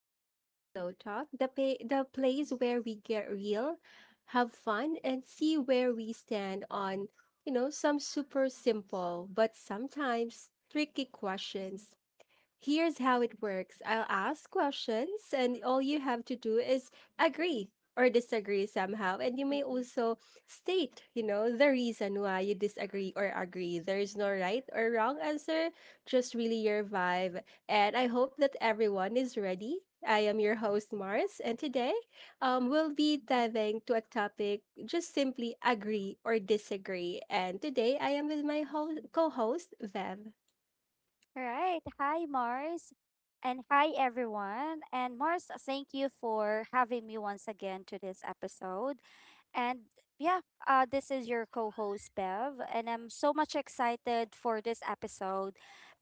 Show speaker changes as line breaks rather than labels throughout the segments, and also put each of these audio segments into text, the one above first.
welcome back to Glow Talk, the place where we get real, have fun, and see where we stand on some super simple but sometimes tricky questions. Here's how it works. I'll ask questions, and all you have to do is agree or disagree somehow. And you may
Mhm.
also state the reason why you disagree or agree. There is no right or wrong answer, just really your vibe. And I hope that everyone is ready. I am your host, Mars, and today we'll be diving to a topic, just simply agree or disagree. And today I am with my co host, Vev.
Right. Hi, Mars. And hi, everyone. And Mars, thank you for having me once again to this episode. And yeah, this is your co host, Bev. And I'm so much excited for this episode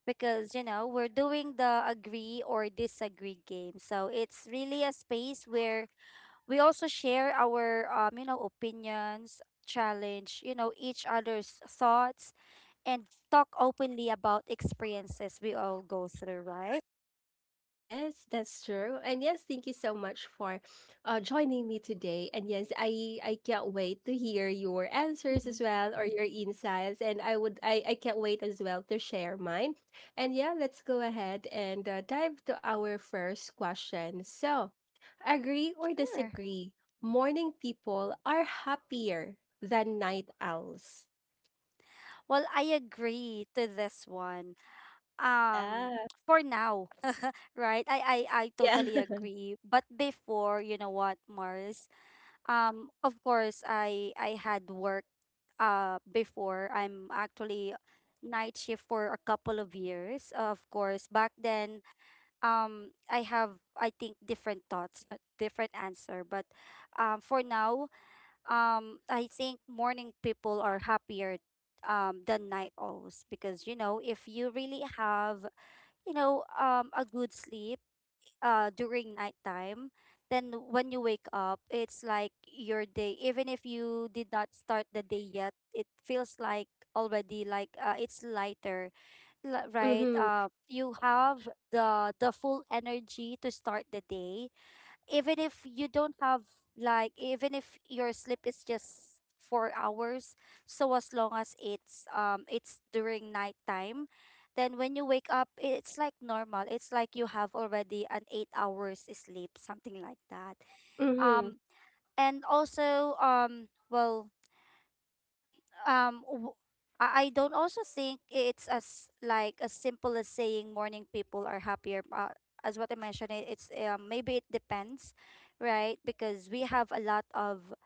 because, we're doing the agree or disagree game. So it's really a space where we also share our, opinions, challenge, each other's thoughts and talk openly about experiences we all go through, right?
Yes, that's true. And yes, thank you so much for joining me today. And yes, I can't wait to hear your answers
Mhm.
as well or your insights. And I would I can't wait as well to share mine. And yeah, let's go ahead and dive to our first question. So, agree or
Sure.
disagree? Morning people are happier than night owls.
Well, I agree to this one. Um,
Yeah.
for now, right? I
Yeah.
totally agree. But before, you know what, Mars? Of course, I had worked. Before, I'm actually night shift for a couple of years. Of course, back then, I have, I think, different thoughts, different answer. But for now, I think morning people are happier than night owls because, if you really have, a good sleep during nighttime, then when you wake up, it's like your day. Even if you did not start the day yet, it feels like already, like, it's lighter. Right,
Mm-hmm.
you have the full energy to start the day. Even if you don't have, like, even if your sleep is just 4 hours, so as long as it's, it's during nighttime, then when you wake up, it's like normal. It's like you have already an 8 hours sleep, something like that.
Mm-hmm.
um and also, well, um w- I don't also think it's as, like, as simple as saying morning people are happier. As what I mentioned, it's, maybe it depends, right? Because we have a lot of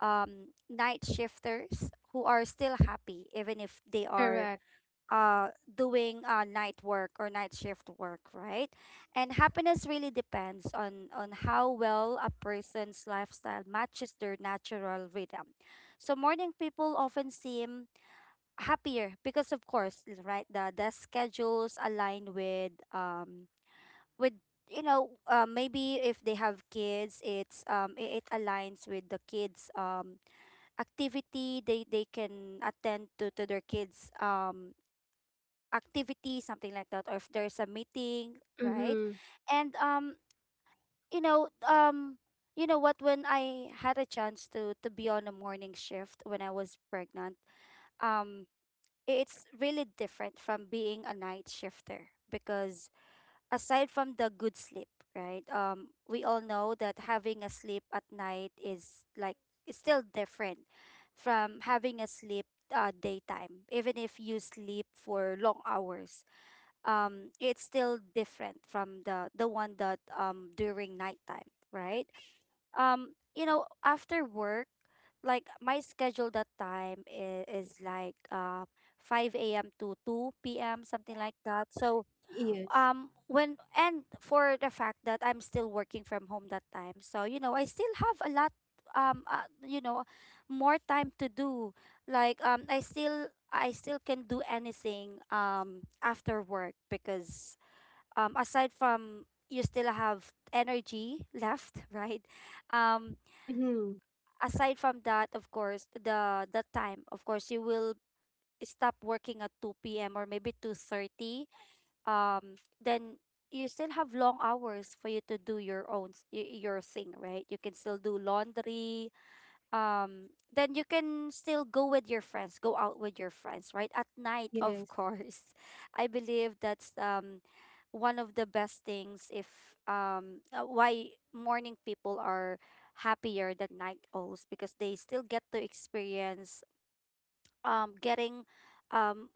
night shifters who are still happy even if they are
Correct.
doing night work or night shift work, right? And happiness really depends on how well a person's lifestyle matches their natural rhythm. So morning people often seem happier because, of course, right, the schedules align with, with, maybe if they have kids, it's, it it aligns with the kids, activity. They can attend to their kids, activity, something like that, or if there's a meeting, right.
Mm-hmm.
and you know um you know what, when I had a chance to be on a morning shift when I was pregnant, um it's really different from being a night shifter because, aside from the good sleep, right? We all know that having a sleep at night is, like, it's still different from having a sleep, daytime. Even if you sleep for long hours, it's still different from the one that, during nighttime, right? Um, you know, after work, like my schedule that time is, like, 5 a.m to 2 p.m, something like that. So,
Yes.
when, and for the fact that I'm still working from home that time, so, you know, I still have a lot, you know, more time to do, like, I still can do anything after work because, aside from, you still have energy left. Right? Um,
Mm-hmm.
aside from that, of course, the time, of course, you will stop working at 2 p.m. or maybe 2:30. Then you still have long hours for you to do your own your thing, right? You can still do laundry, then you can still go with your friends, go out with your friends, right, at night, of
Yes,
course. I believe that's, one of the best things, if, why morning people are happier than night owls, because they still get to experience, getting, um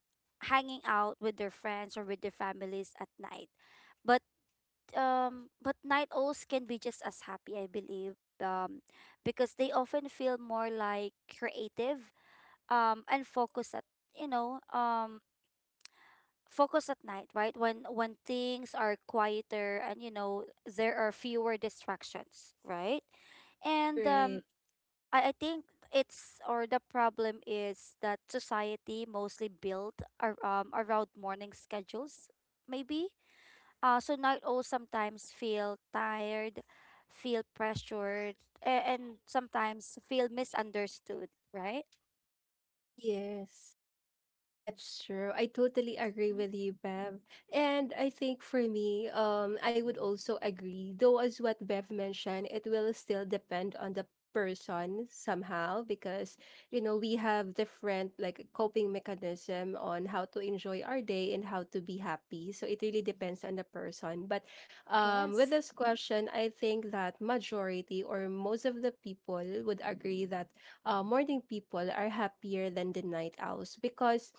hanging out with their friends or with their families at night. But, but night owls can be just as happy, I believe. Um, because they often feel more, like, creative, and focus at, you know, um, focus at night, right? When things are quieter and, you know, there are fewer distractions, right? And,
right.
I think it's, or the problem is that society mostly built around morning schedules, maybe. So night owls sometimes feel tired, feel pressured, and sometimes feel misunderstood, right?
Yes, that's true. I totally agree
Mhm.
with you, Bev. And I think for me, I would also agree, though, as what Bev mentioned, it will still depend on the person somehow, because you know we have different like coping mechanism on how to enjoy our day and how to be happy, so it really depends on the person. But with
Yes,
this question, I think that majority or most of the people would agree that morning people are happier than the night owls, because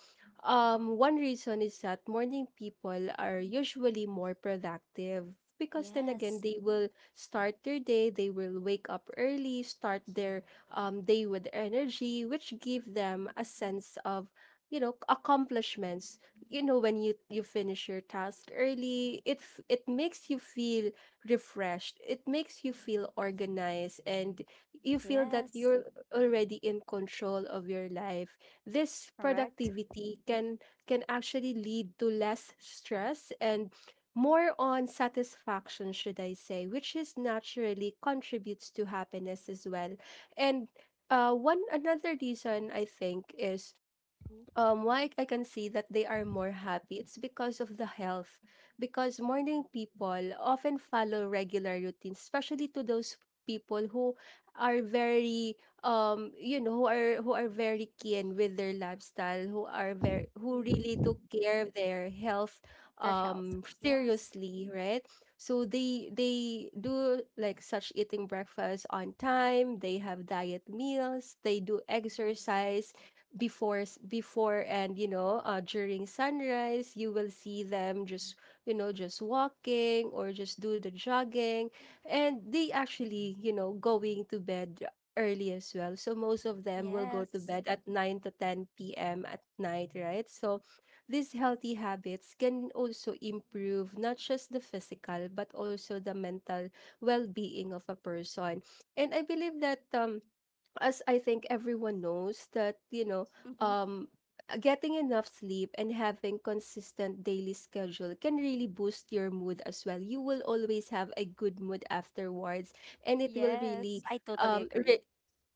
one reason is that morning people are usually more productive, because then again
yes,
they will start their day, they will wake up early, start their day with energy, which give them a sense of accomplishments. You know when you finish your task early, it makes you feel refreshed, it makes you feel organized, and you feel that
yes,
you're already in control of your life. This
correct.
productivity can actually lead to less stress and more on satisfaction, should I say, which is naturally contributes to happiness as well. And one another reason I think is why I can see that they are more happy, it's because of the health, because morning people often follow regular routines, especially to those people who are very who are very keen with their lifestyle, who are very who really
Mm-hmm.
took care of their health
Their health. Yes,
seriously, right? So they do like such eating breakfast on time, they have diet meals, they do exercise before, and during sunrise you will see them just just walking or just do the jogging, and they actually going to bed early as well. So most of them will go to
yes,
bed at 9 to 10 p.m at night, right? So these healthy habits can also improve not just the physical but also the mental well-being of a person. And I believe that, as I think everyone knows that,
mm-hmm.
um, getting enough sleep and having consistent daily schedule can really boost your mood as well. You will always have a good mood afterwards, and it will really
Yes. I totally
um
agree.
re-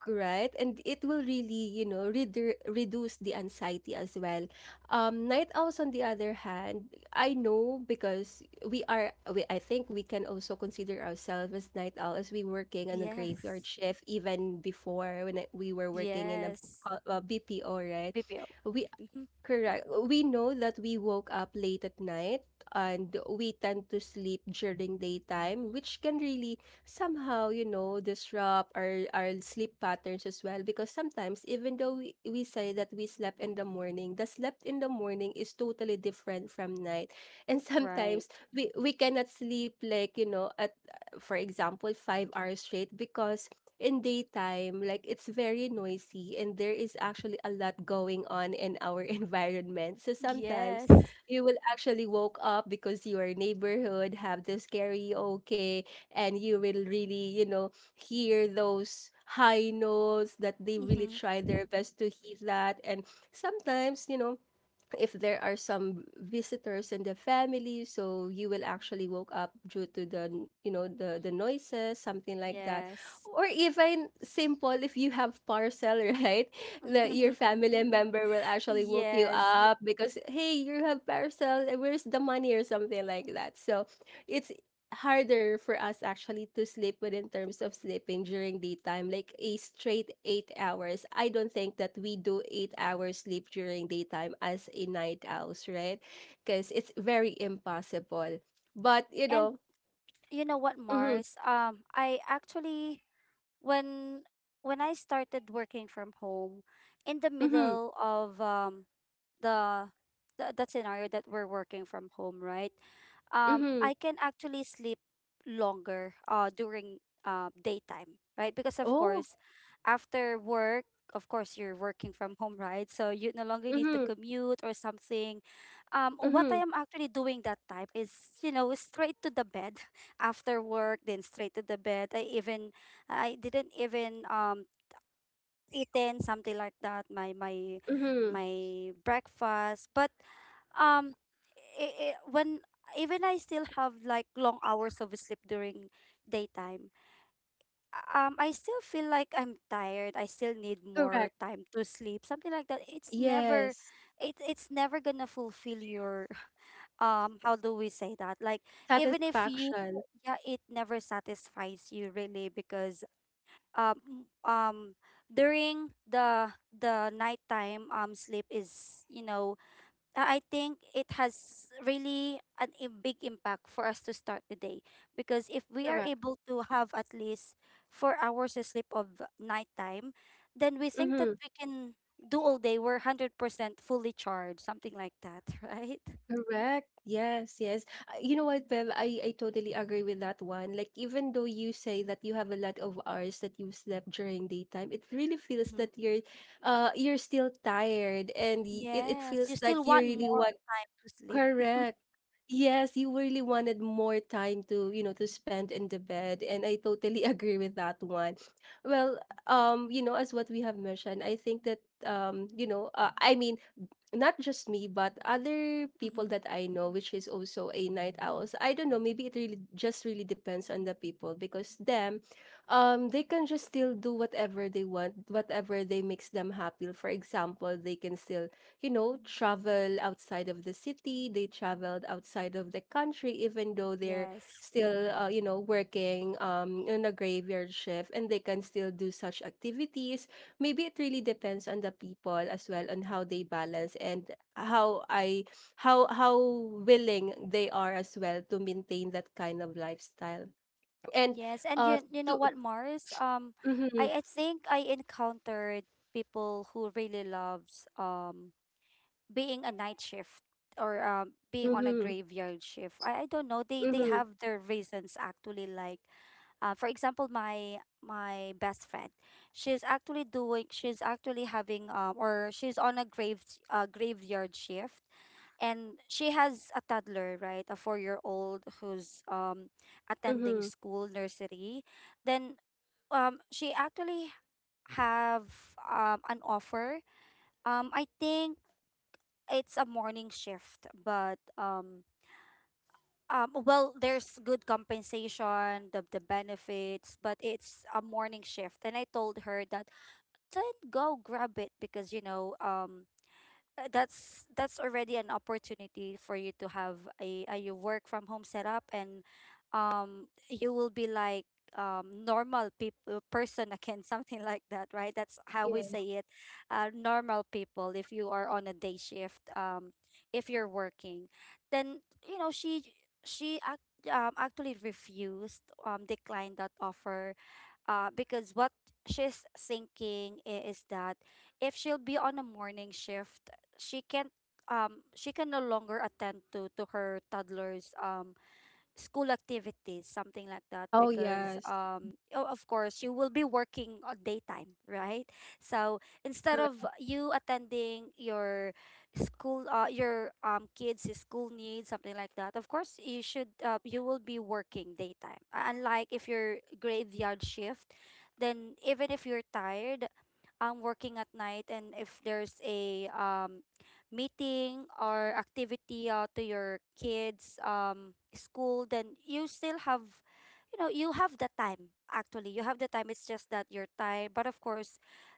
right, and it will really reduce the anxiety as well. Night owls on the other hand, I know, because I think we can also consider ourselves as night owl, as we working on a graveyard
Yes,
shift even before, we were working in a
yes.
BPO, right?
BPO.
We
Mm-hmm.
Correct. We know that we woke up late at night and we tend to sleep during daytime, which can really somehow, disrupt our sleep patterns as well. Because sometimes, even though we say that we slept in the morning, the slept in the morning is totally different from night. And sometimes
Right.
we cannot sleep like, at for example, 5 hours straight, because in daytime, like, it's very noisy and there is actually a lot going on in our environment. So sometimes
Yes.
you will actually woke up because your neighborhood have this karaoke, and you will really, hear those high notes that they really
Mm-hmm.
try their best to hit that. And sometimes, if there are some visitors in the family, so you will actually woke up due to the you know the noises, something like that.
Yes.
Or even simple, if you have parcel right, that your family member will actually woke you
Yes.
up, because hey, you have parcel, eh, where's the money, or something like that. So it's harder for us actually to sleep within terms of sleeping during daytime, like a straight 8 hours. I don't think that we do 8 hours sleep during daytime as a night owls, right? Because it's very impossible. But
And you know what,
mm-hmm,
Mars? I actually, when when I started working from home in the
mm-hmm,
middle of, the, that scenario that we're working from home, right?
mm-hmm.
I can actually sleep longer during daytime, right? Because, of
Oh,
course, after work, of course you're working from home, right? So you no longer need to
mm-hmm,
commute or something. What I
mm-hmm,
am actually doing that time is, you know, straight to the bed after work, then straight to the bed. I even, I didn't even, eaten, something like that, my,
mm-hmm.
my breakfast. But, um I when, even I still have like long hours of sleep during daytime, I still feel like I'm tired, I still need more
Correct.
time to sleep, something like that. It's never,
Yes.
it it's never gonna fulfill your how do we say that, like, even if you,
Satisfaction.
yeah, it never satisfies you, really, because, um um during the nighttime, sleep is, you know, I think it has really an a big impact for us to start the day, because if we are
Correct.
able to have at least 4 hours of sleep of nighttime, then we think that
Mm-hmm.
we can do all day. We're 100% fully charged, something like that, right?
Correct. Yes, yes. You know what, Bev? I totally agree with that one. Like, even though you say that you have a lot of hours that you slept during daytime, it really feels
Mm-hmm.
that you're still tired, and it
Yes,
feels
you still
like you
want
really
more
want.
to sleep.
Correct. Yes, you really wanted more time to spend in the bed. And I totally agree with that one. Well, as what we have mentioned, I think that I mean, not just me but other people
Mm-hmm.
that I know which is also a night owls. I don't know, maybe it really just really depends on the people, because them, they can just still do whatever they want, whatever they makes them happy. For example, they can still, travel outside of the city, they traveled outside of the country, even though they're
Yes.
still working in a graveyard shift, and they can still do such activities. Maybe it really depends on the people as well, on how they balance, and how I how willing they are as well to maintain that kind of lifestyle. And
Yes, and
uh
you know
to
what, Mars?
mm-hmm,
I think I encountered people who really loves, being a night shift, or, being on a
mm-hmm,
graveyard shift. I don't know. They
mm-hmm,
have their reasons actually. Like, for example, my best friend, she's actually doing. She's actually having, or she's on a grave, graveyard shift, and she has a toddler, right, a 4 year old, who's, attending
mm-hmm.
school nursery. Then, she actually have, an offer, I think it's a morning shift. But, well, there's good compensation, the benefits. But it's a morning shift, and I told her that, then go grab it because, you know, that's already an opportunity for you to have a your work from home setup, and, you will be like, normal people person again something like that, right? That's how we
Yes.
say it. Uh, normal people, if you are on a day shift, if you're working, then, you know, she actually refused, declined that offer. Uh, because what she's thinking, is that, if she'll be on a morning shift, she can, she can no longer attend to her toddler's, school activities, something like that,
Oh
because,
yes.
o- of course, you will be working on daytime, right? So instead of
Correct.
you attending your school, your, kids' school needs, something like that, of course you should, you will be working daytime. Unlike if you're graveyard shift, then even if you're tired, I'm working at night, and if there's a, meeting or activity, to your kids, school, then you still have, you know, you have the time, actually. You have the time, it's just that you're tired, but of course,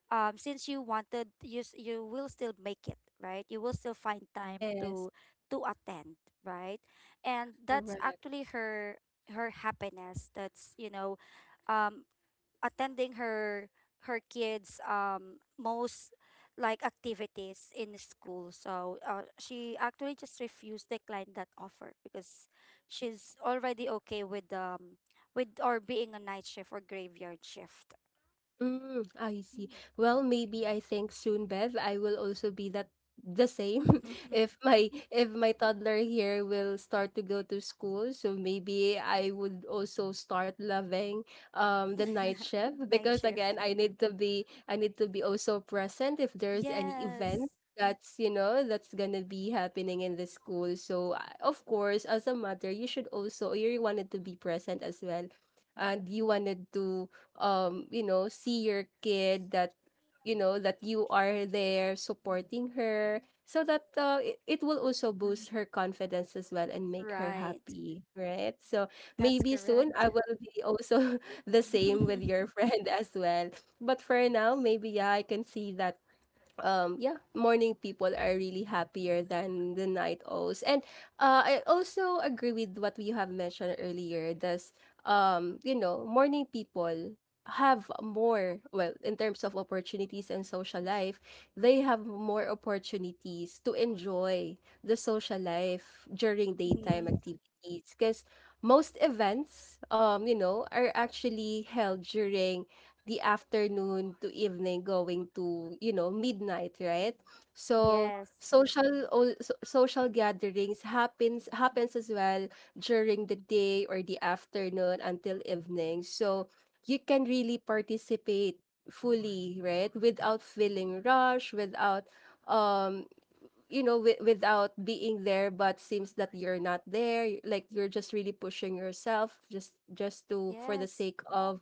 since you wanted, you will still make it, right? You will still find time
Yes.
to attend, right. And that's
Correct.
actually her, her happiness. That's, you know, um attending her, her kids, most, like, activities in school. So, she actually just refused, declined that offer, because she's already okay with, with, or being a night shift or graveyard shift.
Mm, I see. Well, maybe I think soon, Bev, I will also be that the same,
Mm.
if my toddler here will start to go to school. So maybe I would also start loving the night shift,
Night
because
shift.
again, I need to be also present if there's any event
Yes.
that's you know that's gonna be happening in the school. So, of course, as a mother, you should also you wanted to be present as well, and you wanted to see your kid that you are there supporting her, so that it will also boost her confidence as well and make her
Right.
happy, right? So
That's
maybe soon
correct.
I will be also the same with your friend as well. But for now, maybe yeah, I can see that, yeah, morning people are really happier than the night owls. And I also agree with what you have mentioned earlier, that morning people have more, well, in terms of opportunities and social life, they have more opportunities to enjoy the social life during daytime
Mhm.
activities, because most events, are actually held during the afternoon to evening, going to midnight, right? So
Yes,
social gatherings happens as well during the day or the afternoon until evening. So you can really participate fully, right? Without feeling rush, without um without being there but seems that you're not there, like you're just really pushing yourself just to for the
yes,
sake of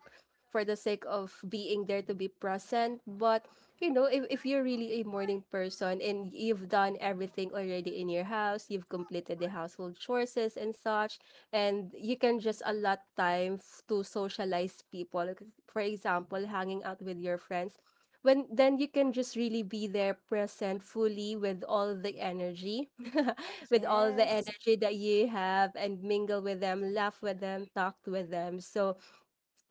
being there, to be present. But if you're really a morning person and you've done everything already in your house, you've completed the household chores and such, and you can just allot time, to socialize people. Like, for example, hanging out with your friends, when then you can just really be there present fully with all the energy, with all the
yes,
energy that you have, and mingle with them, laugh with them, talk with them. So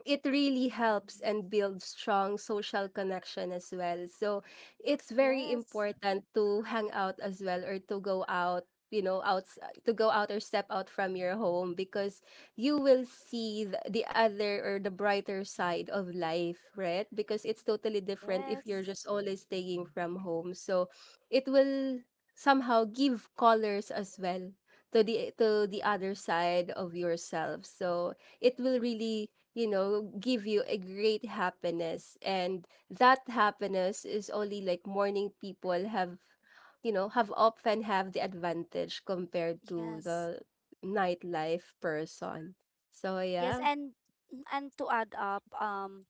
it really helps and builds strong social connection as well. So it's very
yes,
important to hang out as well or to go out you know out to go out or step out from your home because you will see the other or the brighter side of life, right? Because it's totally different if you're
yes,
just always staying from home. So it will somehow give colors as well to the other side of yourself. So it will really, give you a great happiness. And that happiness is only like morning people have, you know, have often have the advantage compared to
yes.
the nightlife person. So
Yes,
yeah.
and to add up,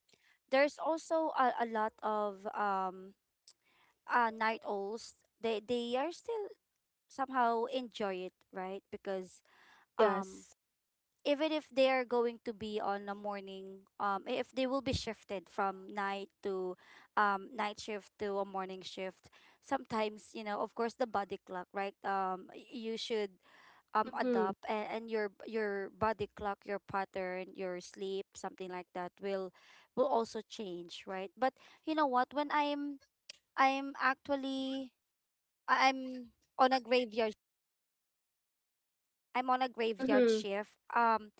there's also a lot of, night owls. They are still somehow enjoy it, right? Because, um
Yes.
even if they are going to be on a morning, if they will be shifted from night to, night shift to a morning shift, sometimes, you know, of course the body clock, right? Um, you should,
Mm-hmm.
adopt, and your body clock, your pattern, your sleep, something like that, will also change, right? But, you know what, when I'm, i'm actually I'm on a graveyard, I'm on a graveyard
Mm-hmm.
shift.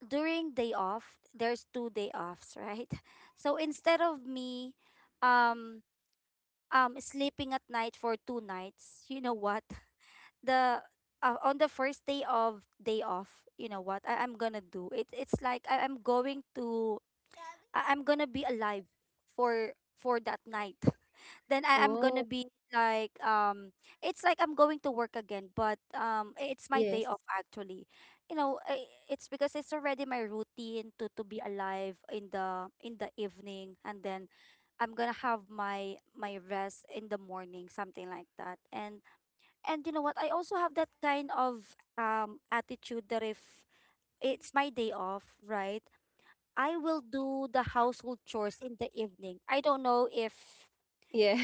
During day off, there's 2 day offs, right? So instead of me, um, sleeping at night for 2 nights, you know what? The On the first day of day off, you know what I'm gonna do? It's like I, I'm going to I- I'm gonna be alive for that night. Then I am gonna
Oh,
be like it's like I'm going to work again, but it's my day
yes.
off actually. You know, it's because it's already my routine to be alive in the evening, and then I'm gonna have my rest in the morning, something like that. And you know what? I also have that kind of attitude that if it's my day off, right? I will do the household chores in the evening. I don't know if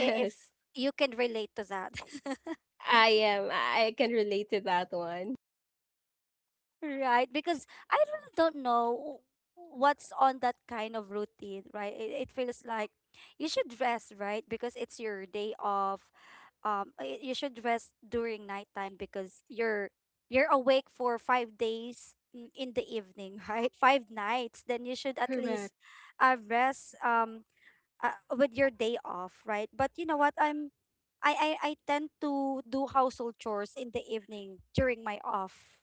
if you can relate to that.
I am. I can relate to that one.
Right, because I really don't know what's on that kind of routine, right? It feels like you should rest, right? Because it's your day off. You should rest during nighttime because you're awake for 5 days in the evening, right? Five nights. Then you should at
Correct.
least rest. With your day off, right? But you know what? I'm I tend to do household chores in the evening during my off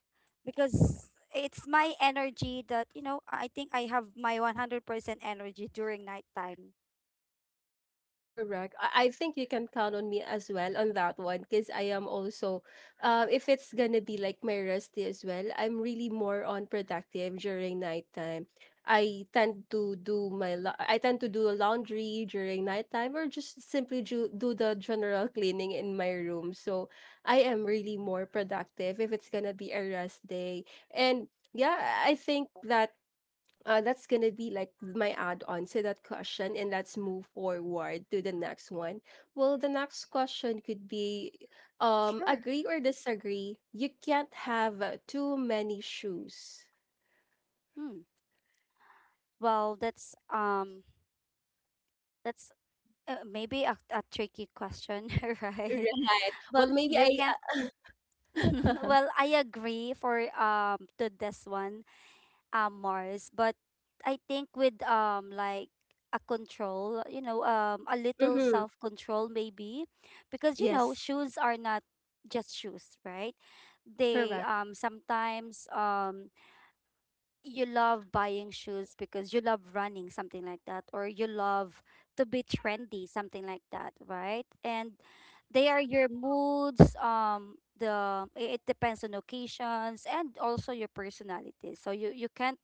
because it's my energy that I think I have my 100% energy during nighttime.
Correct. I think you can count on me as well on that one because I am also, if it's gonna be like my rest day as well, I'm really more on productive during nighttime. I tend to do I tend to do laundry during nighttime or just simply do the general cleaning in my room. So I am really more productive if it's gonna be a rest day. And yeah, I think that that's gonna be like my add-on to that question, and let's move forward to the next one. Well, the next question could be,
Sure.
agree or disagree? You can't have too many shoes.
Hmm. Well, that's maybe a tricky question, right?
Right.
Well,
Well, maybe
you
I.
can't
Uh,
well, I agree for to this one, Mars, but I think with like a control, you know, a little
mm-hmm.
self-control maybe, because
Yes.
shoes are not just shoes, right? They
Correct.
sometimes you love buying shoes because you love running, something like that, or you love to be trendy, something like that, right? And they are your moods, the it depends on occasions and also your personality. So you can't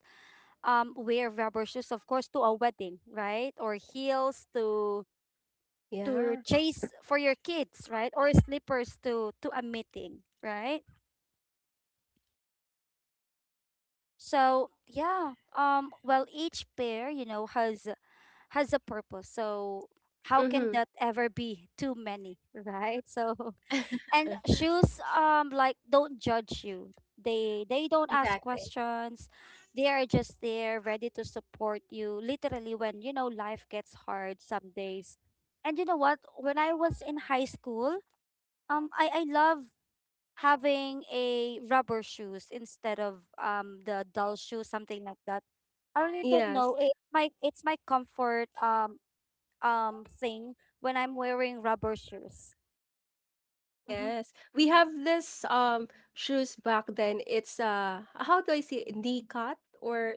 wear rubber shoes, of course, to a wedding, right? Or heels to
Yeah.
chase for your kids, right? Or slippers to a meeting, right? So yeah, well, each pair, has a purpose. So how can
Mm-hmm.
that ever be too many, right? So and shoes like don't judge you, they don't ask
Exactly.
questions. They are just there, ready to support you literally when life gets hard some days. And you know what? When I was in high school, I love having a rubber shoes instead of the dull shoes, something like that. I really don't
Yes.
know, it's my comfort thing when I'm wearing rubber shoes. Mm-hmm.
Yes. We have this shoes back then. It's how do I say it? Knee cut or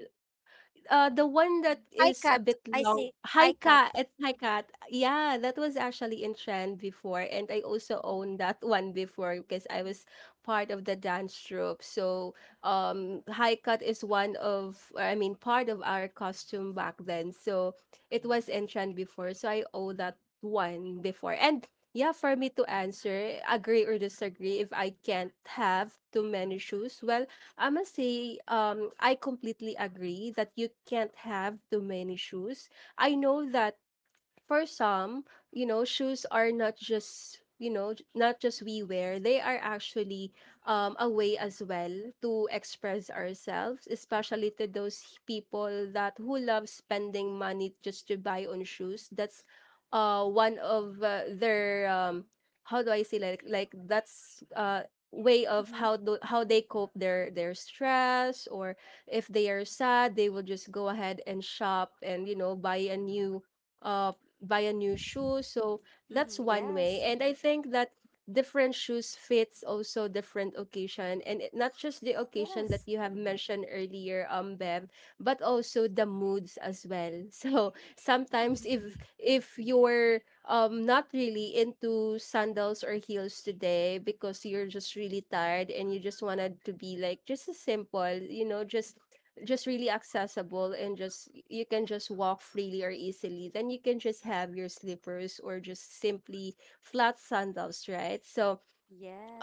the one that
High
is a
cut.
bit
I
long.
see.
Hi
High cut.
Cat, it's Hi Cat. Yeah, that was actually in trend before, and I also owned that one before because I was part of the dance troupe. So, Hi Cat is one of, or I mean, part of our costume back then. So it was in trend before. So I owe that one before, and. Yeah, for me to answer, agree or disagree, if I can't have too many shoes, well, I must say, I completely agree that you can't have too many shoes. I know that for some, you know, shoes are not just you know j- not just we wear, they are actually, a way as well to express ourselves, especially to those people that who love spending money just to buy on shoes. That's one of their how do I say, like that's way of
Mm-hmm.
how they cope their stress. Or if they are sad, they will just go ahead and shop and you know uh buy a new shoe. So that's
Mm-hmm.
one way.
Yes.
And I think that different shoes fits also different occasion. And not just the occasion that
Yes.
you have mentioned earlier, Bev, but also the moods as well. So sometimes if if you're not really into sandals or heels today because you're just really tired and you just wanted to be like just a simple, just really accessible, and just you can just walk freely or easily, then you can just have your slippers or just simply flat sandals, right? So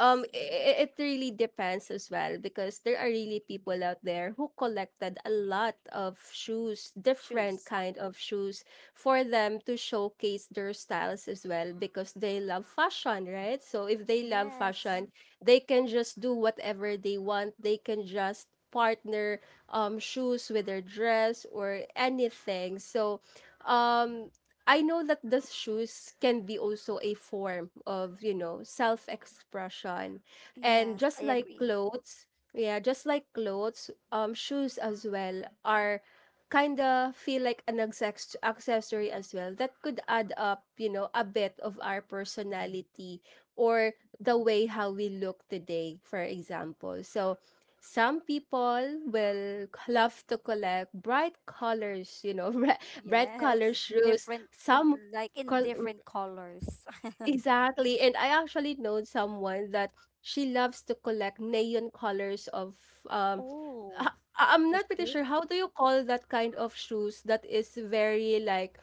um, i- it really depends as well because there are really people out there who collected a lot of shoes, different
Shoes.
kind of shoes, for them to showcase their styles as well because they love fashion, right? So if they love
Yes.
fashion, they can just do whatever they want. They can just partner shoes with their dress or anything. So, um I know that the shoes can be also a form of, you know, self expression. And
Yes.
just
I
like
agree.
clothes, yeah, just like clothes, shoes as well are kind of feel like an accessory as well that could add up, you know, a bit of our personality, or the way how we look today, for example. So some people will love to collect bright colors, you know, bright color
Yes.
shoes,
Different,
some
like in
col
different colors.
exactly, and I actually know someone that she loves to collect neon colors of, um
Oh,
I- I'm
your
not pretty sure
shoes?
how do you call that kind of shoes that is very like,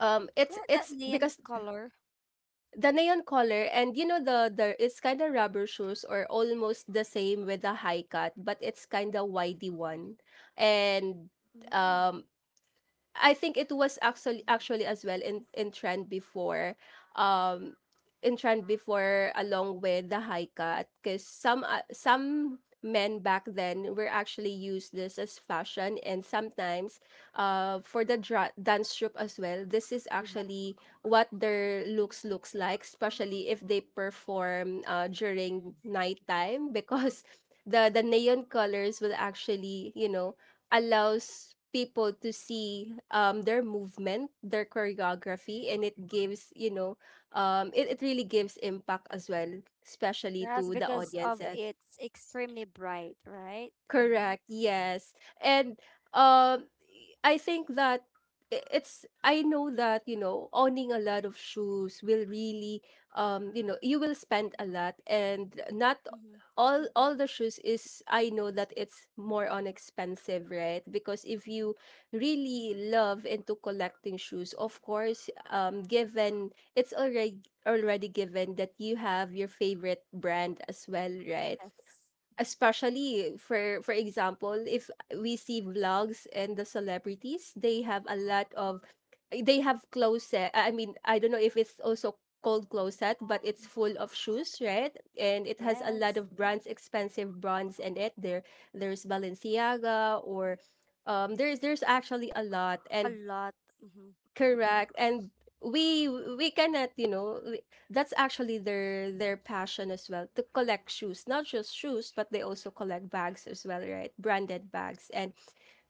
it's,
That neon
because
color.
the neon color. And you know the it's kind of rubber shoes or almost the same with the high cut, but it's kind of widey one. And
Mm.
um I think it was actually as well in trend before, um, in trend before along with the high cut, because some men back then were actually used this as fashion. And sometimes for the dance troupe as well, this is
Oh, yeah.
actually what their looks like, especially if they perform during nighttime. Because the neon colors will actually, allows people to see, their movement, their choreography. And it gives, it really gives impact as well, especially
Yes,
to the
because of
audiences.
it's extremely bright, right?
Correct. Yes. And um I think that I- it's I know that, you know, owning a lot of shoes will really, you will spend a lot, and not
Mm-hmm.
all the shoes is, I know that it's more on expensive, right? Because if you really love into collecting shoes, of course, given it's already given that you have your favorite brand as well, right?
Yes.
Especially, for example, if we see vlogs and the celebrities, they have a lot of they have closet. I mean, I don't know if it's also called closet, but it's full of shoes, right? And it has a lot
Yes.
of brands, expensive brands in it. There's Balenciaga, or there's actually a lot.
A
And
lot. Mm-hmm.
Correct. And we cannot, that's actually their passion as well, to collect shoes, not just shoes, but they also collect bags as well, right? Branded bags. And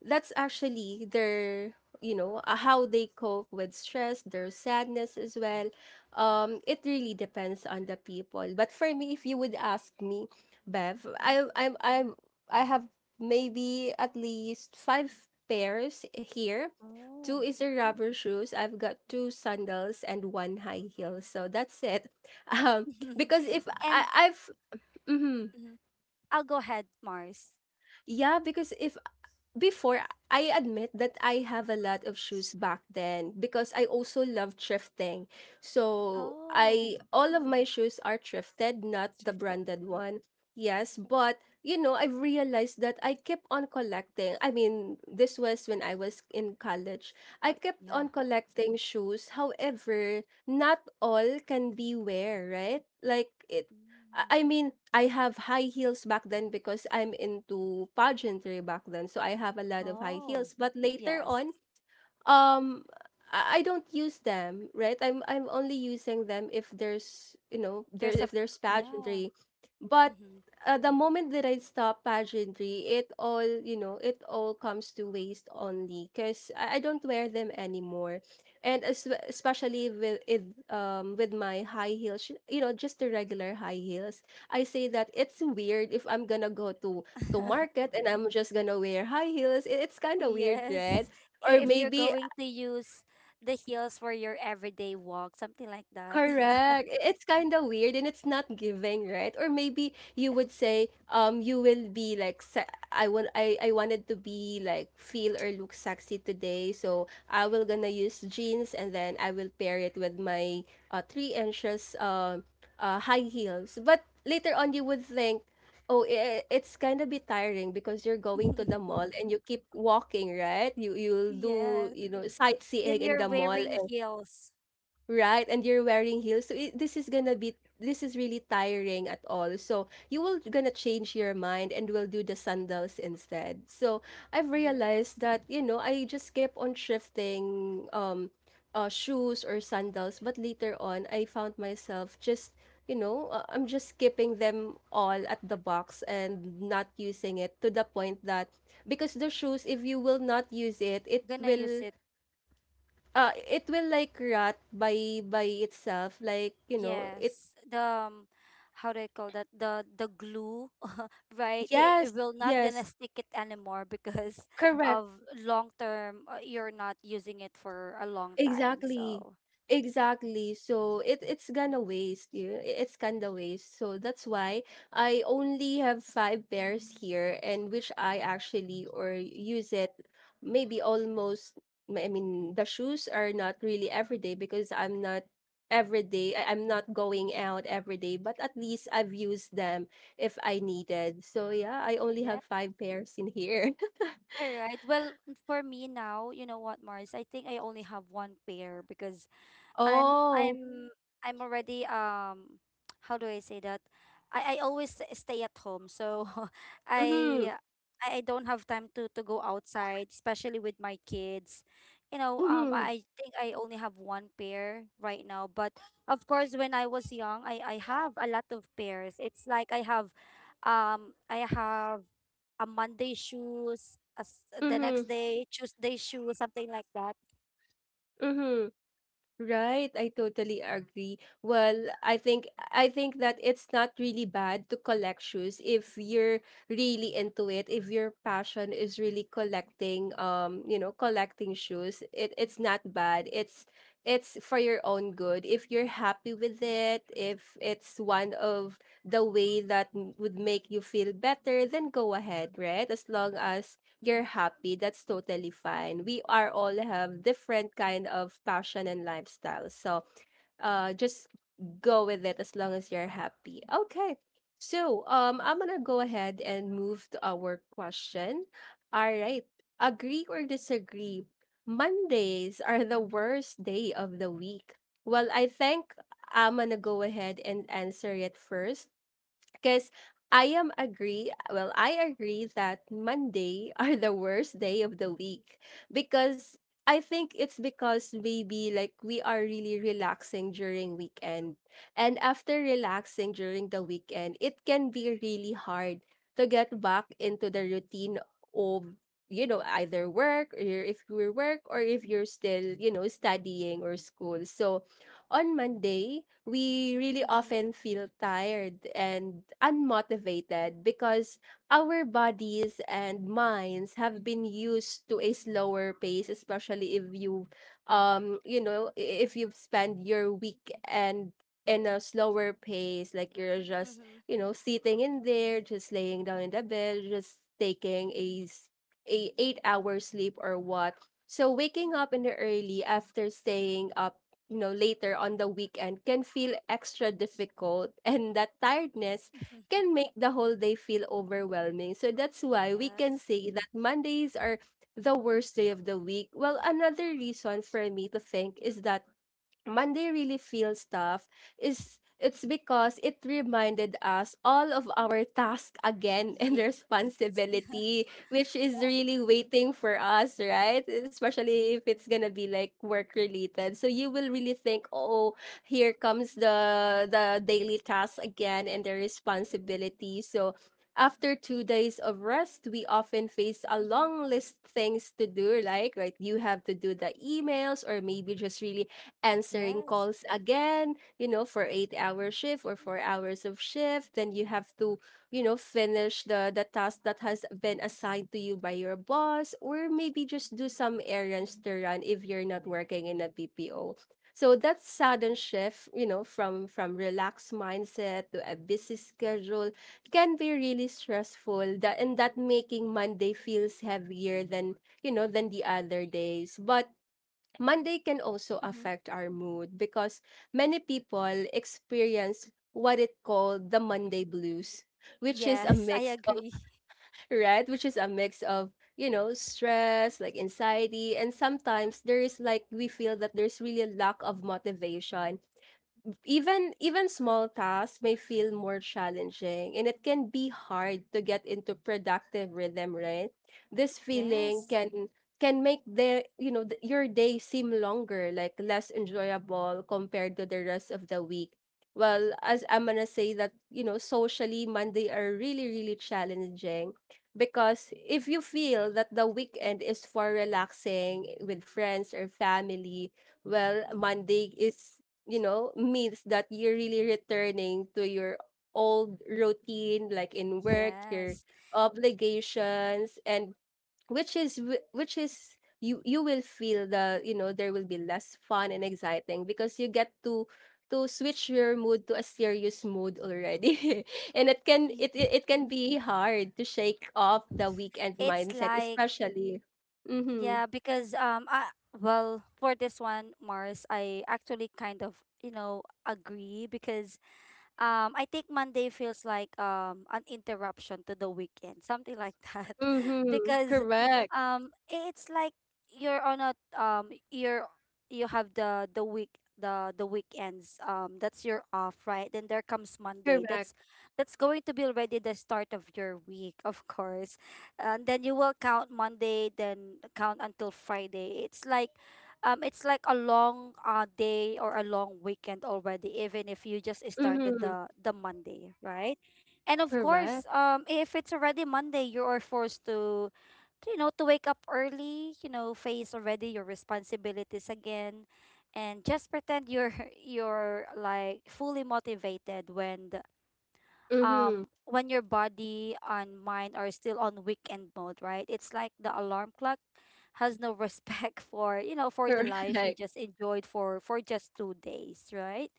that's actually their you know how they cope with stress, their sadness as well. It really depends on the people, but for me, if you would ask me, Bev,
Mm.
I I'm I have maybe at least five pairs here. Two
Oh.
is the rubber shoes. I've got two sandals and one high heel. So that's it. Um, because if
And
mhm.
mhm. I'll go ahead, Mars.
Yeah, because if before, I admit that I have a lot of shoes back then because I also love thrifting. So
Oh.
I, all of my shoes are thrifted, not the
Shifted.
branded one. Yes, but you know, I've realized that I kept on collecting. I mean, this was when I was in college. I
But
kept
yeah.
on collecting shoes. However, not all can be wear, right? Like it I
Mm.
I mean, I have high heels back then because I'm into pageantry back then. So I have a lot of high
Oh,
heels. But later
yes.
on, um I I don't use them, right? I'm only using them if there's, you know, there
There's a
if there's
Yeah.
pageantry. But
Mm-hmm.
the moment that I stop pageantry, it all, comes to waste only because I don't wear them anymore. And as, especially with it, with my high heels, just the regular high heels. I say that it's weird if I'm gonna go to market and I'm just gonna wear high heels. It's kind of weird,
Yes.
right? Or
If you're
maybe
going to use the heels for your everyday walk, something like that.
Correct. It's kind of weird and it's not giving, right? Or maybe you would say, you will be like, I want, I wanted to be like feel or look sexy today, so I will gonna use jeans and then I will pair it with my 3 inches high heels. But later on you would think, oh, it's kind of be tiring because you're going to the mall and you keep walking, right? You'll do,
Yes.
sightseeing
Then
in
you're
the mall.
wearing heels.
Right, and you're wearing heels. So it, this is gonna be this is really tiring at all. So you will gonna change your mind and will do the sandals instead. So I've
Yeah.
realized that, I just kept on shifting, shoes or sandals, but later on I found myself just, I'm just skipping them all at the box and not using it, to the point that, because the shoes, if you will not use it, it
Gonna
will
use it.
uh it will like rot by itself, like it,
Yes. The um, how do I call that? The glue, right? it,
yes,
it will not gonna
yes,
stick it anymore because
correct.
of long term, you're not using it for a long time,
Exactly.
so
Exactly. So it's gonna waste. You know? It's kinda waste. So that's why I only have five pairs here, and which I actually or use it, maybe almost, I mean, the shoes are not really every day because I'm not every day, I'm not going out every day, but at least I've used them if I needed. So yeah, I only
yeah.
have five pairs in here.
All right. Well, for me now, you know what, Mars? I think I only have one pair because I'm
Oh.
I'm I'm already how do I say that? I always stay at home, so
Mm-hmm.
I I don't have time to go outside, especially with my kids. You know, I,
Mm-hmm.
I think I only have one pair right now, but of course when I was young, I have a lot of pairs. It's like I have a Monday shoes, as the next
Mm-hmm.
day Tuesday shoes, something like that.
Mm-hmm. Right, I totally agree. Well, I think that it's not really bad to collect shoes if you're really into it. If your passion is really collecting, collecting shoes, it's not bad. It's for your own good. If you're happy with it, if it's one of the way that would make you feel better, then go ahead, right? As long as you're happy, that's totally fine. We are all have different kind of passion and lifestyle. So just go with it as long as you're happy. Okay. So I'm gonna go ahead and move to our question. All right. Agree or disagree? Mondays are the worst day of the week. Well, I think I'm gonna go ahead and answer it first because I am agree. Well, I agree that Monday are the worst day of the week because I think it's because maybe like we are really relaxing during weekend. And after relaxing during the weekend, it can be really hard to get back into the routine of, you know, either work or if you're still, you know, studying or school. So on Monday, we really
Mhm.
often feel tired and unmotivated because our bodies and minds have been used to a slower pace, especially if you if you've spent your week and in a slower pace, like you're just,
Mhm.
you know, sitting in there, just laying down in the bed, just taking a 8 hour sleep or what. So waking up in the early after staying up, you know, later on the weekend can feel extra difficult and that tiredness can make the whole day feel overwhelming. So that's why we can
Yes.
say that mondays are the worst day of the week. Well, another reason for me to think is that Monday really feels tough is it's because it reminded us all of our task again and
Yes.
responsibility, which is really waiting for us, right? Especially if it's gonna be like work related. So you will really think, oh, here comes the daily task again and the responsibility. So after 2 days of rest, we often face a
Mm-hmm.
long list things to do, like right, you have to do the emails or maybe just really answering
Yes.
calls again, you know, for 8 hour shift or 4 hours of shift. Then you have to, you know, finish the task that has been assigned to you by your boss, or maybe just do some errands to run if you're not working in a BPO. So that sudden shift, you know, from relaxed mindset to a busy schedule can be really stressful. That making Monday feels heavier than, you know, than the other days. But Monday can also
Mm-hmm.
affect our mood because many people experience what it called the Monday blues, which is a
Yes, I
mix of
agree.
right, which is a mix of, you know, stress, like anxiety, and sometimes there is like we feel that there's really a lack of motivation. Even small tasks may feel more challenging and it can be hard to get into productive rhythm, right? This feeling
Yes.
can make the you know th- your day seem longer, like less enjoyable compared to the rest of the week. Well, as I'm gonna say that, you know, socially Monday are really really challenging because if you feel that the weekend is for relaxing with friends or family, well,
Mm-hmm.
Monday is, you know, means that you're really returning to your old routine, like in work, your
Yes.
obligations, and which is you will feel the, you know, there will be less fun and exciting because you get to switch your mood to a serious mood already and it can
Y-
it, it it can be hard to shake off the weekend
It's
mindset,
like
especially. Mm-hmm.
yeah, because I, well, for this one, Mars, I actually kind of agree, because I think Monday feels like an interruption to the weekend, something like that.
Mm-hmm.
Because
Correct.
it's like you're on a you're, You have the weekends, that's your off, right? Then there comes Monday,
Correct.
that's going to be already the start of your week, of course. And then you will count Monday, then count until Friday. It's like it's like a long day or a long weekend already, even if you just started
Mm-hmm.
the Monday, right? And of
Correct.
course, if it's already Monday, you are forced to to wake up early, face already your responsibilities again, and just pretend you're you're like fully motivated when
Mm-hmm.
when your body and mind are still on weekend mode, right? It's like the alarm clock has no respect for you know for the life you
Correct.
just enjoyed for just 2 days, right?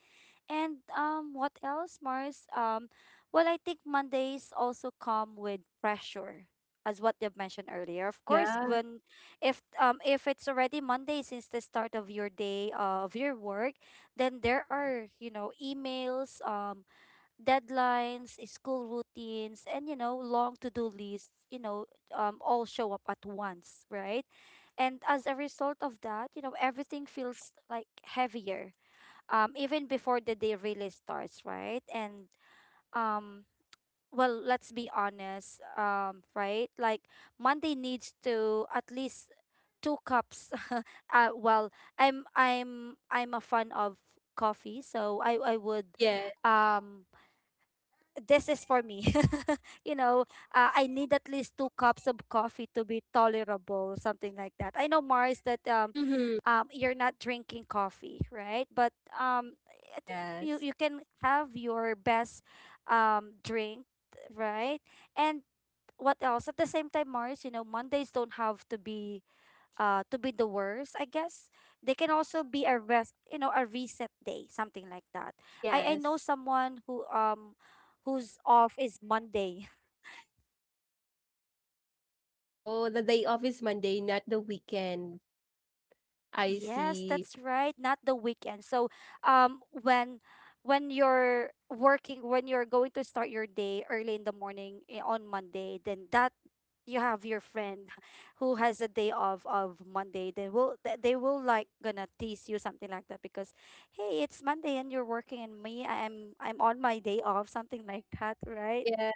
And what else, Mars? Well, I think Mondays also come with pressure, as what you've mentioned earlier. Of course,
Yeah.
when if it's already Monday, since the start of your day, of your work, then there are emails, deadlines, school routines, and long to-do lists, all show up at once, right? And as a result of that, everything feels like heavier, even before the day really starts, right? And um, well, let's be honest, right? Like Monday needs to at least two cups. Well, I'm a fan of coffee, so I would
Yeah.
um this is for me. you know, I need at least two cups of coffee to be tolerable, something like that. I know, Mars, that
Mm-hmm.
you're not drinking coffee, right? But I think you
Yes.
you can have your best drink, right? And what else? At the same time, Mars, Mondays don't have to be the worst, I guess. They can also be a rest, a reset day, something like that. I know
Yes.
someone who, whose off is Monday.
Oh, the day off is Monday, not the weekend. I
Yes,
see.
that's right. Not the weekend. So, when you're working, when you're going to start your day early in the morning, on Monday, then that you have your friend who has a day off of Monday. Then they will like gonna tease you, something like that, because, hey, it's Monday and you're working, and me, I'm on my day off, something like that, right?
Yeah.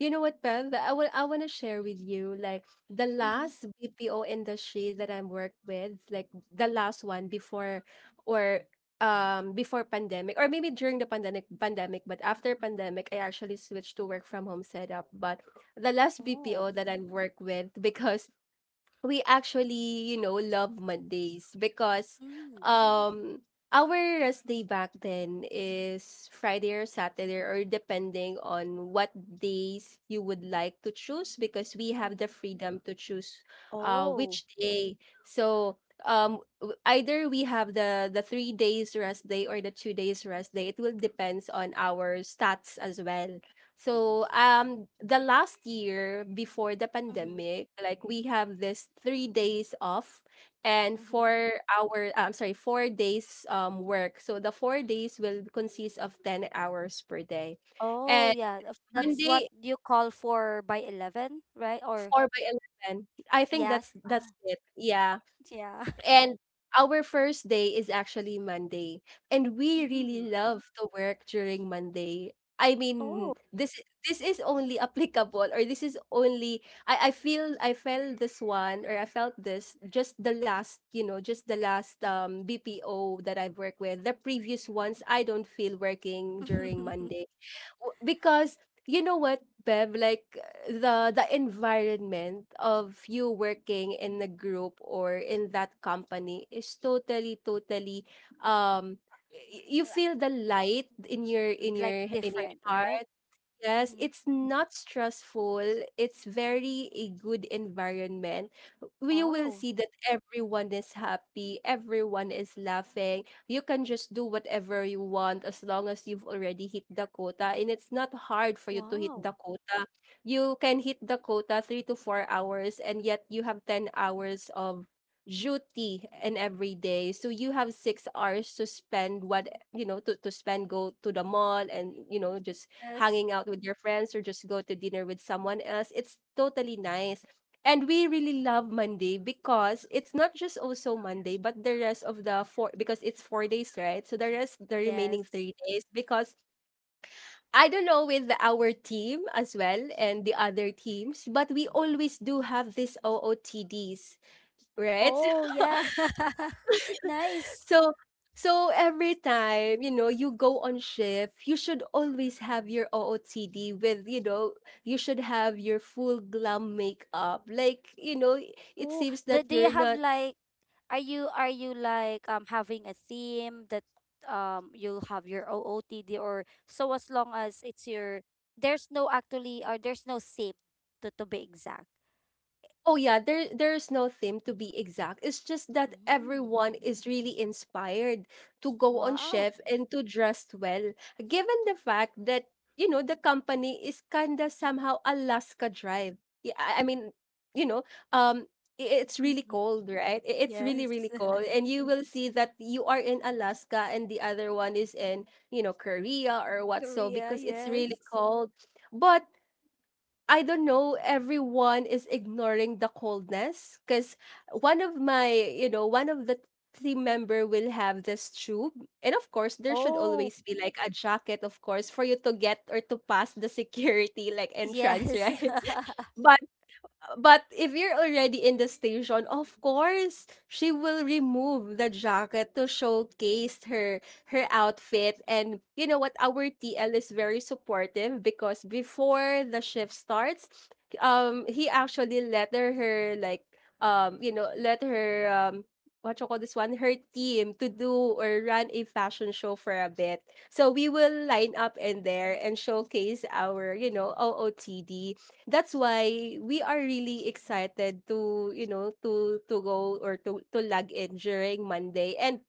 You know what, Bev? I want to share with you like the
Mm-hmm.
last BPO industry that I worked with, like the last one before or before pandemic or maybe during the pandemic but after pandemic I actually switched to work from home setup but the last
Oh.
BPO that I worked with because we actually, you know, love Mondays because
Mm.
um our rest day back then is Friday or Saturday or depending on what days you would like to choose because we have
Mm-hmm.
the freedom to choose
Oh.
which day. So either we have the 3 days rest day or the 2 days rest day, it will depends on our stats as well. So the last year before the pandemic, like we have this 3 days off and
Mm-hmm.
four-hour I'm sorry, 4 days work. So the 4 days will consist of 10 hours per day.
Oh,
And
yeah. if That's what
Monday
you call for by 11, right? Or
4 by 11. I think that's
yes. Ah,
it. Yeah.
yeah.
And our first day is actually Monday, and we really
Mm.
love to work during Monday. I
Oh.
mean, this is only applicable, or this is only I feel I felt this one, or I felt this just the last you know just the last BPO that I've worked with. The previous ones I don't feel working during
Li-
Monday. Because you know what Bev like the environment of you working in a group or in that company is totally totally um you feel the light in your in
Like
your in your
different, right?
Yes,
Mm-hmm.
it's not stressful. It's very a good environment. You will
Oh,
see that everyone is happy, everyone is laughing. You can just do whatever you want as long as you've already hit the quota. And it's not hard for you to hit
wow.
the quota. You can hit the quota 3 to 4 hours, and yet you have 10 hours of duty in every day so you have 6 hours to spend what, you know, to spend go to the mall and, you know, just
Yes.
hanging out with your friends or just go to dinner with someone else. It's totally nice. And we really love Monday because it's not just also Monday, but the rest of the four because it's 4 days, right? So the
Yes.
remaining 3 days because I don't know with our team as well and the other teams, but we always do have these OOTDs, right?
Oh, yeah. Nice.
So every time, you know, you go on shift, you should always have your OOTD with, you know, you should have your full glam makeup. Like, you know, it
Oh,
seems
do,
that
do you
you're
have
not.
like. Are you like having a theme, that you'll have your OOTD or so, as long as it's your, there's no, actually, or there's no theme to be exact.
Oh yeah, there's no theme to be exact. It's just that
Mm,
everyone is really inspired to go on
wow.
chef and to dress well, given the fact that, you know, the company is kinda somehow Alaska Drive. Yeah, I mean, you know, um, it's really cold, right? It's really really
Yes.
cold, and you will see that you are in Alaska and the other one is in, you know, Korea or what so
Korea,
because it's really
yes.
cold. But I don't know, everyone is ignoring the coldness because one of my, you know, one of the team member will have this tube. And of course, there should
Oh,
always be like a jacket, of course, for you to get or to pass the security like entrance,
yes.
right? But if you're already in the station, of course, she will remove the jacket to showcase her outfit. And you know what? Our TL is very supportive because before the shift starts, he actually let her, like let her what you call this one, her team to do or run a fashion show for a bit. So we will line up in there and showcase our, you know, OOTD. That's why we are really excited to, you know, to go or to log in during Monday. And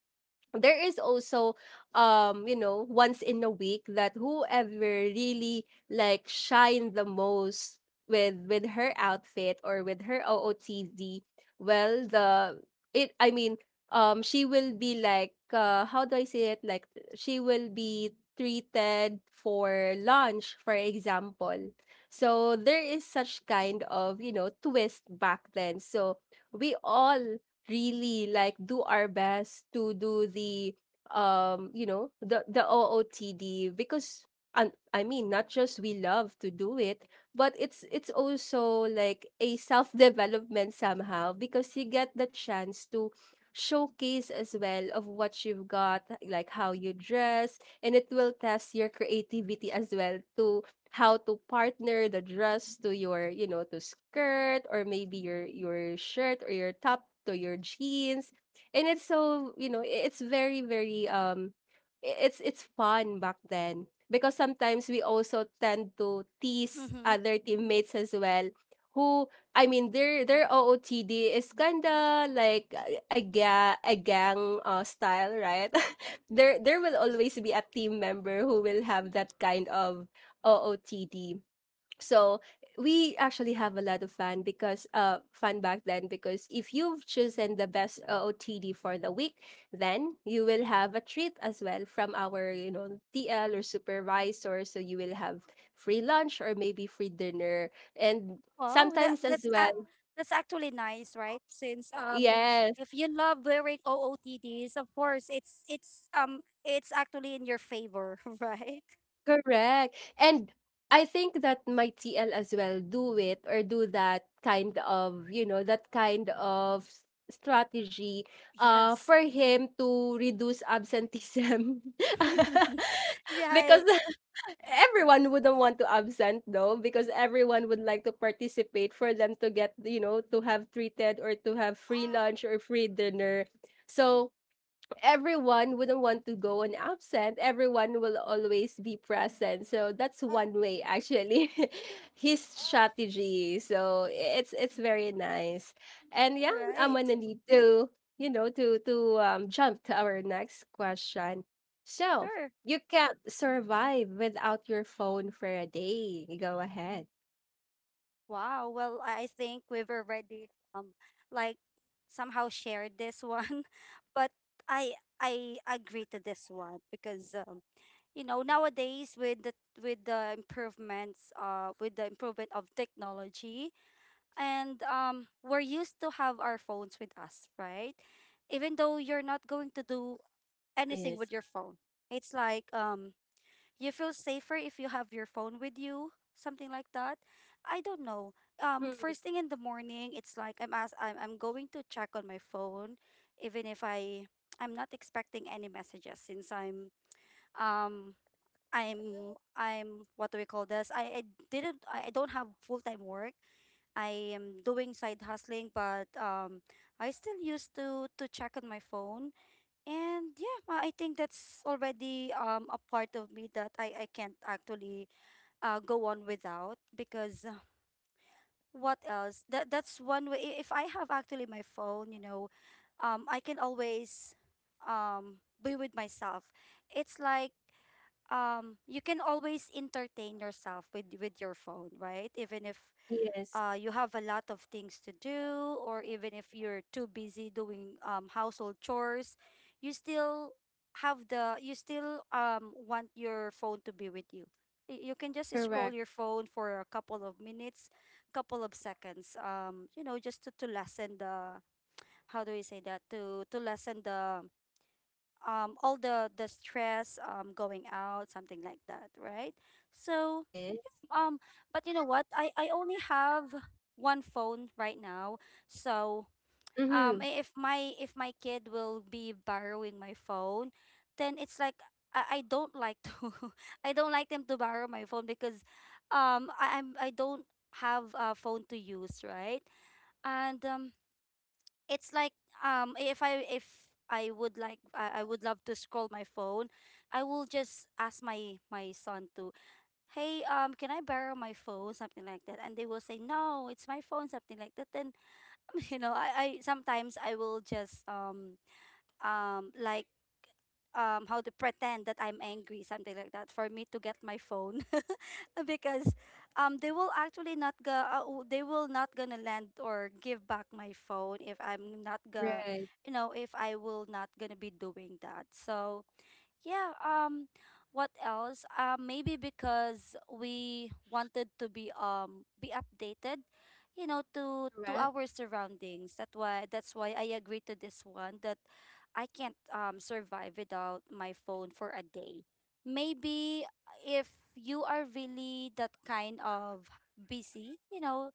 there is also, you know, once in a week that whoever really like shine the most with her outfit or with her OOTD. Well, the it I mean she will be like how do I say it like she will be treated for lunch, for example. So there is such kind of, you know, twist back then. So we all really like do our best to do the you know the OOTD because, and I mean, not just we love to do it, but it's also like a self development somehow because you get the chance to showcase as well of what you've got, like how you dress, and it will test your creativity as well to how to partner the dress to your, you know, to skirt or maybe your shirt or your top to your jeans. And it's so, you know, it's very very it's fun back then because sometimes we also tend to tease
Mm-hmm.
other teammates as well who I mean their OOTD is kinda like a gang style, right? There will always be a team member who will have that kind of OOTD. So we actually have a lot of fun because fun back then because if you've chosen the best OOTD for the week, then you will have a treat as well from our TL or supervisor. So you will have free lunch or maybe free dinner and
Wow, that
sometimes as
that's a
well.
that's actually nice, right? Since
Yes,
if you love wearing OOTDs, of course it's actually in your favor, right?
correct. And I think that my TL as well do it or do that kind of, that kind of strategy
Yes.
for him to reduce absenteeism.
Right.
Because everyone wouldn't want to absent though because everyone would like to participate for them to get, to have treated or to have free lunch or free dinner. So everyone wouldn't want to go on absent. Everyone will always be present. So that's one way actually his strategy. So it's very nice. And yeah, I'm
Right.
gonna need to, to to jump to our next question. So
Sure.
you can't survive without your phone for a day. Go ahead.
Wow. Well, I think we've already like somehow shared this one, but I agree to this one because nowadays with the improvement of technology, and we're used to have our phones with us, right? Even though you're not going to do anything
Yes.
with your phone. It's like you feel safer if you have your phone with you, something like that. I don't know.
Mhm.
First thing in the morning, it's like I'm going to check on my phone, even if I'm not expecting any messages, since um I'm what do we call this? I didn't I don't have full-time work. I am doing side hustling, but I still used to check on my phone. And yeah, I think that's already a part of me that I can't actually go on without, because what else? That's one way. If I have actually my phone, you know, I can always be with myself. It's like you can always entertain yourself with your phone, right? Even if
Yes.
you have a lot of things to do, or even if you're too busy doing household chores, you still want your phone to be with you. You can just scroll
Correct.
your phone for a couple of minutes, couple of seconds. Just to lessen the how do you say that, to lessen the all the stress going out, something like that, right? So
Yes.
um, but you know what? I only have one phone right now, so
Mm-hmm.
if my kid will be borrowing my phone, then it's like I don't like to I don't like them to borrow my phone because I don't have a phone to use, right? And it's like if I would like I would love to scroll my phone, I will just ask my son to, hey, can I borrow my phone? Something like that. And they will say, no, it's my phone, something like that. Then, I sometimes I will just um like how to pretend that I'm angry, something like that, for me to get my phone. Because they will actually not go they will not gonna lend or give back my phone if I'm not gonna
Right.
if I will not gonna be doing that. So yeah, what else? Maybe because we wanted to be updated, you know, to
Correct.
our surroundings. That's why I agree to this one that I can't survive without my phone for a day. Maybe if you are really that kind of busy, you know,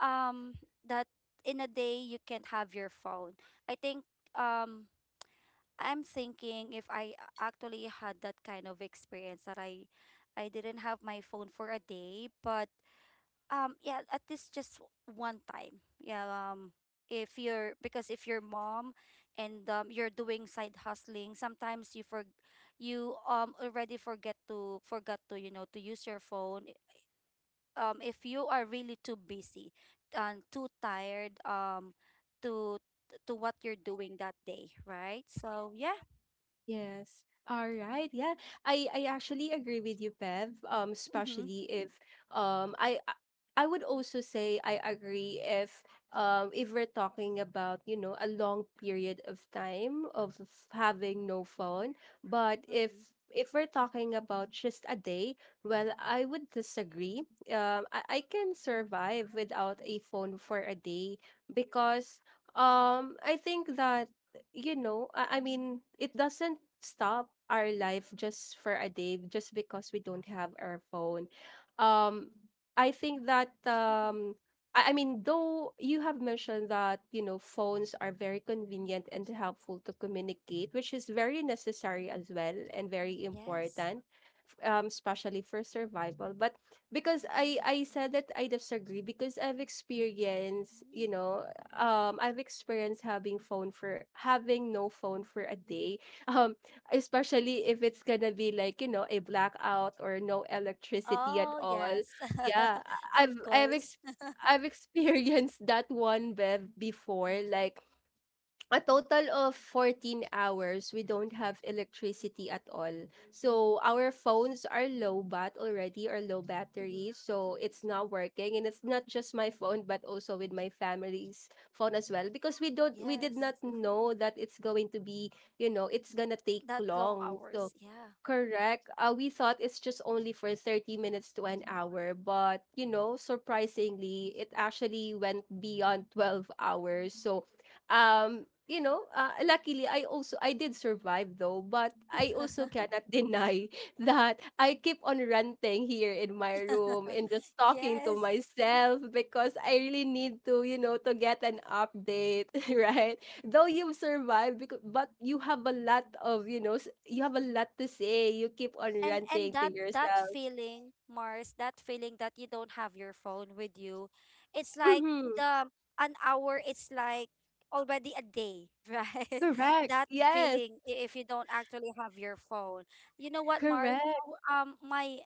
um that in a day you can't have your phone. I think um I'm thinking if I actually had that kind of experience that I didn't have my phone for a day, but yeah, at least just one time. Yeah, if you're, because if you're mom and you're doing side hustling, sometimes you for you already forget to forgot to, you know, to use your phone. If you are really too busy and too tired to to what you're doing that day, right? So yeah.
Yes. All right. Yeah. I actually agree with you, Bev.
Mm-hmm.
Especially if um I I I would also say I agree if we're talking about, you know, a long period of time of having no phone, but
Mm-hmm.
if we're talking about just a day, well, I would disagree. I can survive without a phone for a day because I think that I mean, it doesn't stop our life just for a day, just because we don't have our phone. Um, I think that
Mm-hmm.
I mean, though you have mentioned that you know phones are very convenient and helpful to communicate, which is very necessary as well and very
Yes.
important. Especially for survival, but because I said that I disagree because I've experienced
Mm.
I've experienced having no phone for a day. Um, especially if it's gonna be like, you know, a blackout or no electricity at
Oh,
all.
yes.
Yeah,
Of course.
I've experienced that one Bev before like a total of 14 hours. We don't have electricity at all, so our phones are low bat already or low battery,
Mm-hmm.
so it's not working. And it's not just my phone but also with my family's phone as well, because we did
Yes.
not know that it's going to be, you know, it's gonna take
That long
long. So
hours. Yeah.
correct. We thought it's just only for 30 minutes to an hour, but you know, surprisingly, it actually went beyond 12 hours. So, you know, luckily I did survive though, but I also cannot deny that I keep on ranting here in my room and just talking to
Yes.
myself because I really need to, you know, to get an update, right? Though you've survived because but you have a lot of you have a lot to say, you keep on
And
ranting to
that that
yourself.
feeling, Mars, that feeling that you don't have your phone with you, it's like
Mm-hmm.
the an hour, it's like already a day, right?
Correct.
That
Yes.
feeling if you don't actually have your phone. You know what, Mars?
Correct.
Our- my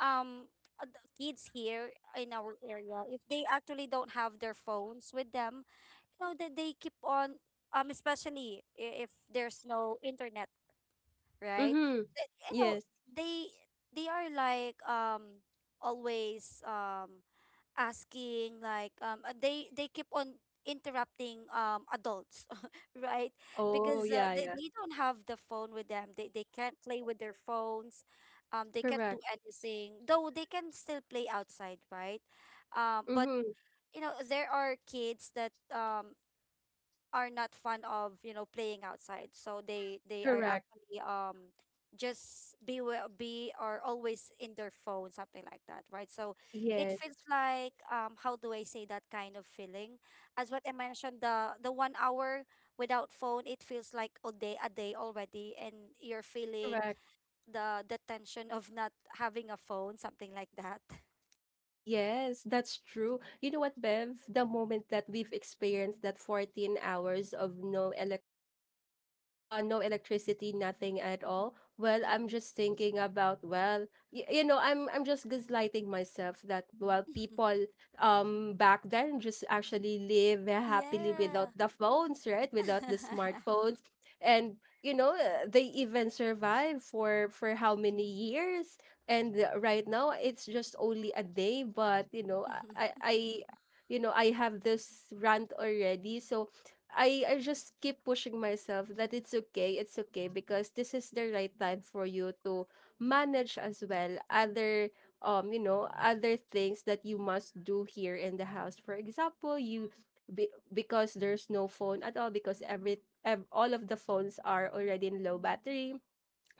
um the kids here in our area, if they actually don't have their phones with them, you know that they keep on especially if there's no internet, right.
Mm-hmm.
You know,
Yes.
they they are like always asking like, they keep on interrupting adults, right,
Oh,
because
yeah, yeah.
they don't have the phone with them, they can't play with their phones, they can't do
Correct.
anything, though they can still play outside, right? But
Mm-hmm.
you know, there are kids that are not fond of, you know, playing outside, so they are
Correct.
actually just be be or always in their phone, something like that, right? So it
Yes.
feels like how do I say that kind of feeling, as what I mentioned, the 1 hour without phone, it feels like a day, a day already, and you're feeling
Correct.
the tension of not having a phone, something like that.
Yes, that's true. You know what, Bev? The moment that we've experienced that 14 hours of no no electricity, nothing at all, well, I'm
Mm-hmm.
just thinking about, well, you know, I'm just gaslighting myself that, well, people back then just actually live happily
Yeah.
without the phones, right? Without the smartphones. And you know, they even survive for how many years. And right now it's just only a day, but you know, i i I- you know, I have this rant already. So I just keep pushing myself that it's okay, it's okay, because this is the right time for you to manage as well other, you know, other things that you must do here in the house. For example, because there's no phone at all, because all of the phones are already in low battery,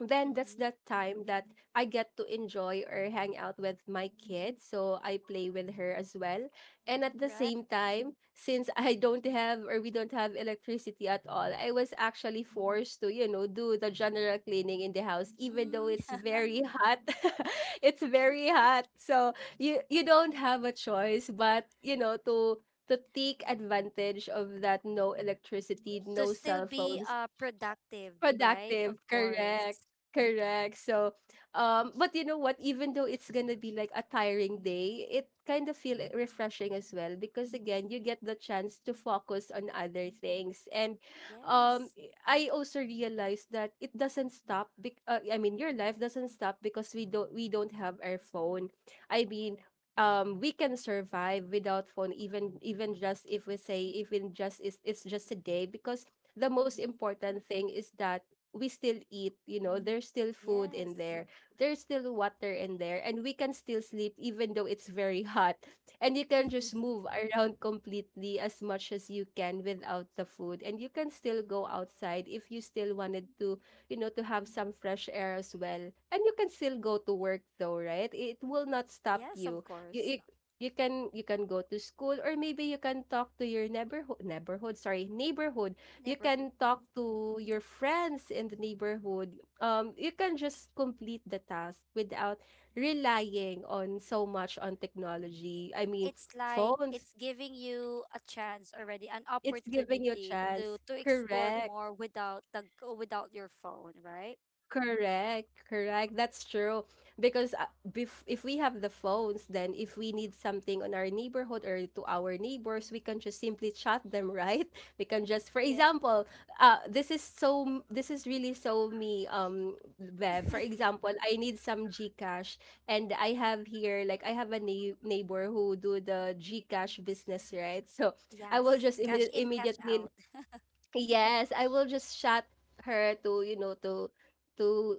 then that's
Hmm.
that time that I get to enjoy or hang out with my kid. So I play with her as well. And at the
Right.
same time, since I don't have or we don't have electricity at all, I was actually forced to, you know, do the general cleaning in the house, even though
Mm,
it's very hot. It's very hot. So you don't have a choice but, you know, to take advantage of that no electricity,
to
no
still
cell
be
phones.
productive, right?
Productive,
Of
correct.
course.
Correct. So but you know what, even though it's gonna be like a tiring day, it kind of feel refreshing as well because again you get the chance to focus on other things. And um
Yes.
I also realized that it doesn't stop bec- I mean, your life doesn't stop because we don't have our phone. I mean, we can survive without phone, even just if we say even just it's just a day, because the most
Mm-hmm.
important thing is that we still eat, you know, there's still food
Yes.
in there, there's still water in there, and we can still sleep even though it's very hot. And you can just move around completely as much as you can without the food. And you can still go outside if you still wanted to, you know, to have some fresh air as well. And you can still go to work though, right? It will not stop
Yes, of
you. You
course.
it, you can go to school, or maybe you can talk to your neighborhood. You
Never heard.
can talk
Mhm.
to your friends in the neighborhood. You can just complete the task without relying on so much on technology. I mean,
It's like
phones,
it's giving you a chance already, an
it's giving you a
opportunity
chance.
to explore
Correct.
more without the without your phone, right?
Correct, correct. That's true. Because bef if we have the phones, then if we need something on our neighborhood or to our neighbors, we can just simply chat them, right? We can just, for
Yeah.
example, this is so, this is really so me, Bev. For example, I need some GCash, and I have here, like, I have a neighbor who do the GCash business, right? So I will
Yes.
just
The cash in, cash
immediately,
out.
yes, I will just chat her to, you know, to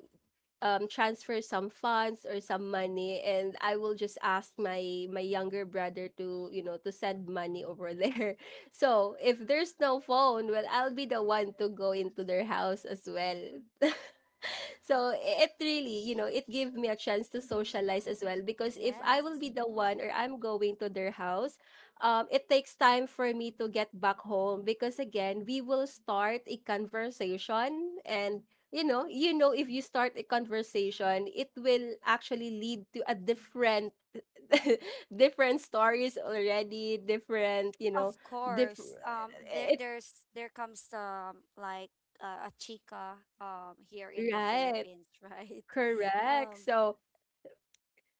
transfer some funds or some money, and I will just ask my younger brother to, you know, to send money over there. So if there's no phone, well, I'll be the one to go into their house as well. So it really, you know, it gave me a chance to
Mm-hmm.
socialize as well, because if I will
Yes.
be the one or I'm going to their house, it takes time for me to get back home, because again, we will start a conversation. And you know, if you start a conversation, it will actually lead to a different, different stories already, different, you know,
Of
different.
course. There,
It
there's there comes a chica here in the
right,
Philippines, right?
correct.
Um,
So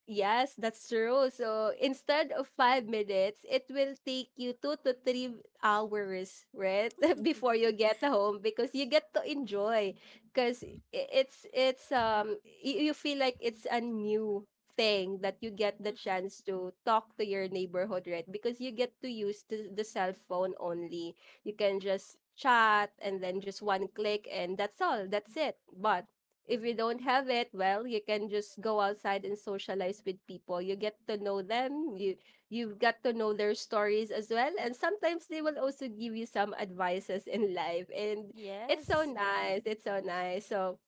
yes, that's true. So instead of 5 minutes, it will take you 2 to 3 hours, right? Before you get home, because you get to enjoy. Because you feel like it's a new thing that you get the chance to talk to your neighborhood, right? Because you get to use the cell phone only. You can just chat and then just one click and that's all. That's it. But if you don't have it, well, you can just go outside and socialize with people. You get to know them. You've got to know their stories as well, and sometimes they will also give you some advices in life. And it's so
yes.
nice. It's so nice. So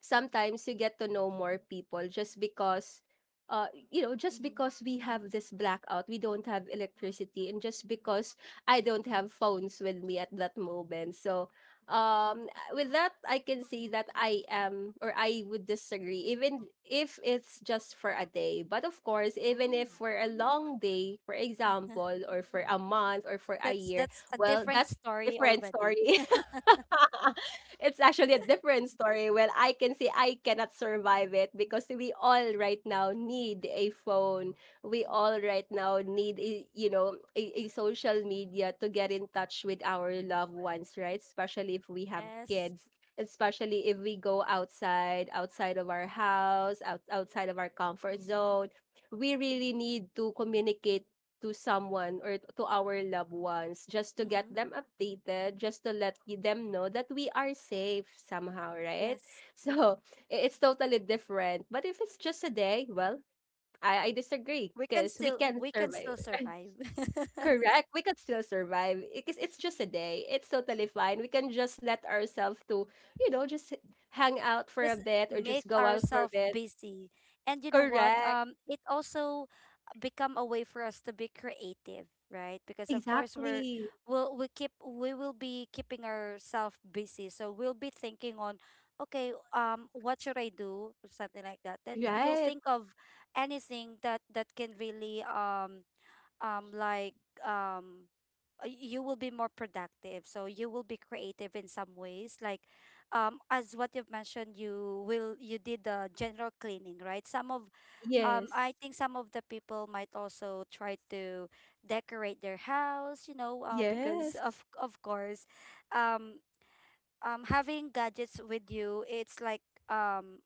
sometimes you get to know more people just because you know, just
Hmm.
because we have this blackout, we don't have electricity, and just because I don't have phones with me at that moment. So um with that, I can say that I am, or I would disagree even if it's just for a day. But of course, even if for a long day, for example, or for a month or for a year,
That's a
well,
different
that's
story
different
already.
story. it's actually a different story when I can say I cannot survive it, because we all right now need a phone. We all right now need, a, you know, a social media to get in touch with our loved ones, right? Especially if we have
Yes.
kids. Especially if we go outside, outside of our house, outside of our comfort zone, we really need to communicate to someone or to our loved ones just to get
Mm-hmm.
them updated, just to let them know that we are safe somehow, right?
Yes.
So it's totally different. But if it's just a day, well, I disagree because we can
We can
survive.
still survive.
Correct. We could still survive because it's just a day. It's totally fine. We can just let ourselves to, you know, just hang out for a
Just
bit or
make
just go out for a
ourselves
bit.
busy. And you know what?
Correct.
It also become a way for us to be creative, right? Because of course,
Exactly.
we will be keeping ourselves busy, so we'll be thinking on, okay, what should I do, or something like that, then you'll
Right.
think of anything that that can really um like um you will be more productive, so you will be creative in some ways, like as what you've mentioned, you will, you did the general cleaning, right? Some of
Yes.
I think some of the people might also try to decorate their house, you know, because
Yes.
of course, um having gadgets with you, it's like um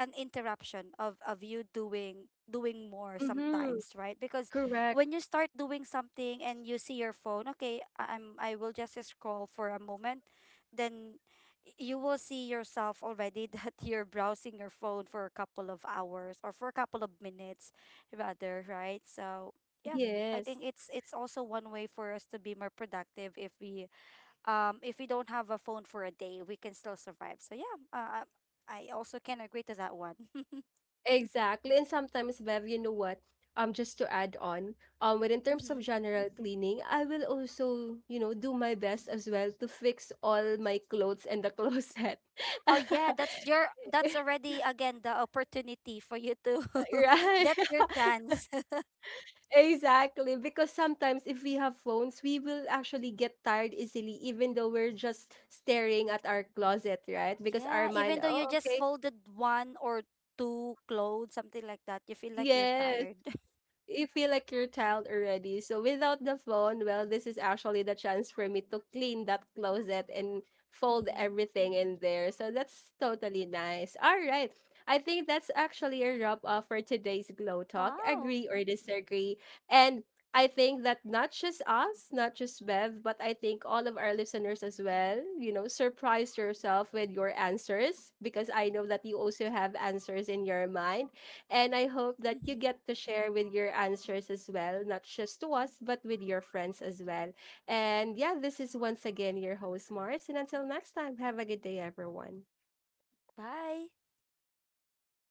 an interruption of you doing doing more
Mhm,
sometimes, right? Because
correct.
when you start doing something and you see your phone, okay, I'm I will just scroll for a moment, then you will see yourself already that you're browsing your phone for a couple of hours or for a couple of minutes rather, right? So yeah, I
Yes,
think it's also one way for us to be more productive if we don't have a phone for a day, we can still survive. So yeah, I also can agree to that one.
exactly. And sometimes, Bev, you know what? Just to add on, but in terms of
Hmm.
general cleaning, I will also, you know, do my best as well to fix all my clothes in the closet.
Oh yeah, that's your, that's already again the opportunity for you to. That's
Right.
your chance.
Exactly. Because sometimes if we have phones, we will actually get tired easily, even though we're just staring at our closet, right? Because our
Yeah,
mind,
even though you
oh,
just
okay.
folded one or two clothes, something like that, you feel like you're
Yes.
tired.
You feel like you're tired already. So without the phone, well, this is actually the chance for me to clean that closet and fold
Mm-hmm.
everything in there. So that's totally nice. All right. I think that's actually a wrap up for today's Glow Talk.
Wow.
Agree or disagree. And I think that not just us, not just Bev, but I think all of our listeners as well, you know, surprise yourself with your answers, because I know that you also have answers in your mind. And I hope that you
Mm-hmm.
get to share with your answers as well, not just to us, but with your friends as well. And yeah, this is once again your host, Mars. And until next time, have a good day, everyone.
Bye.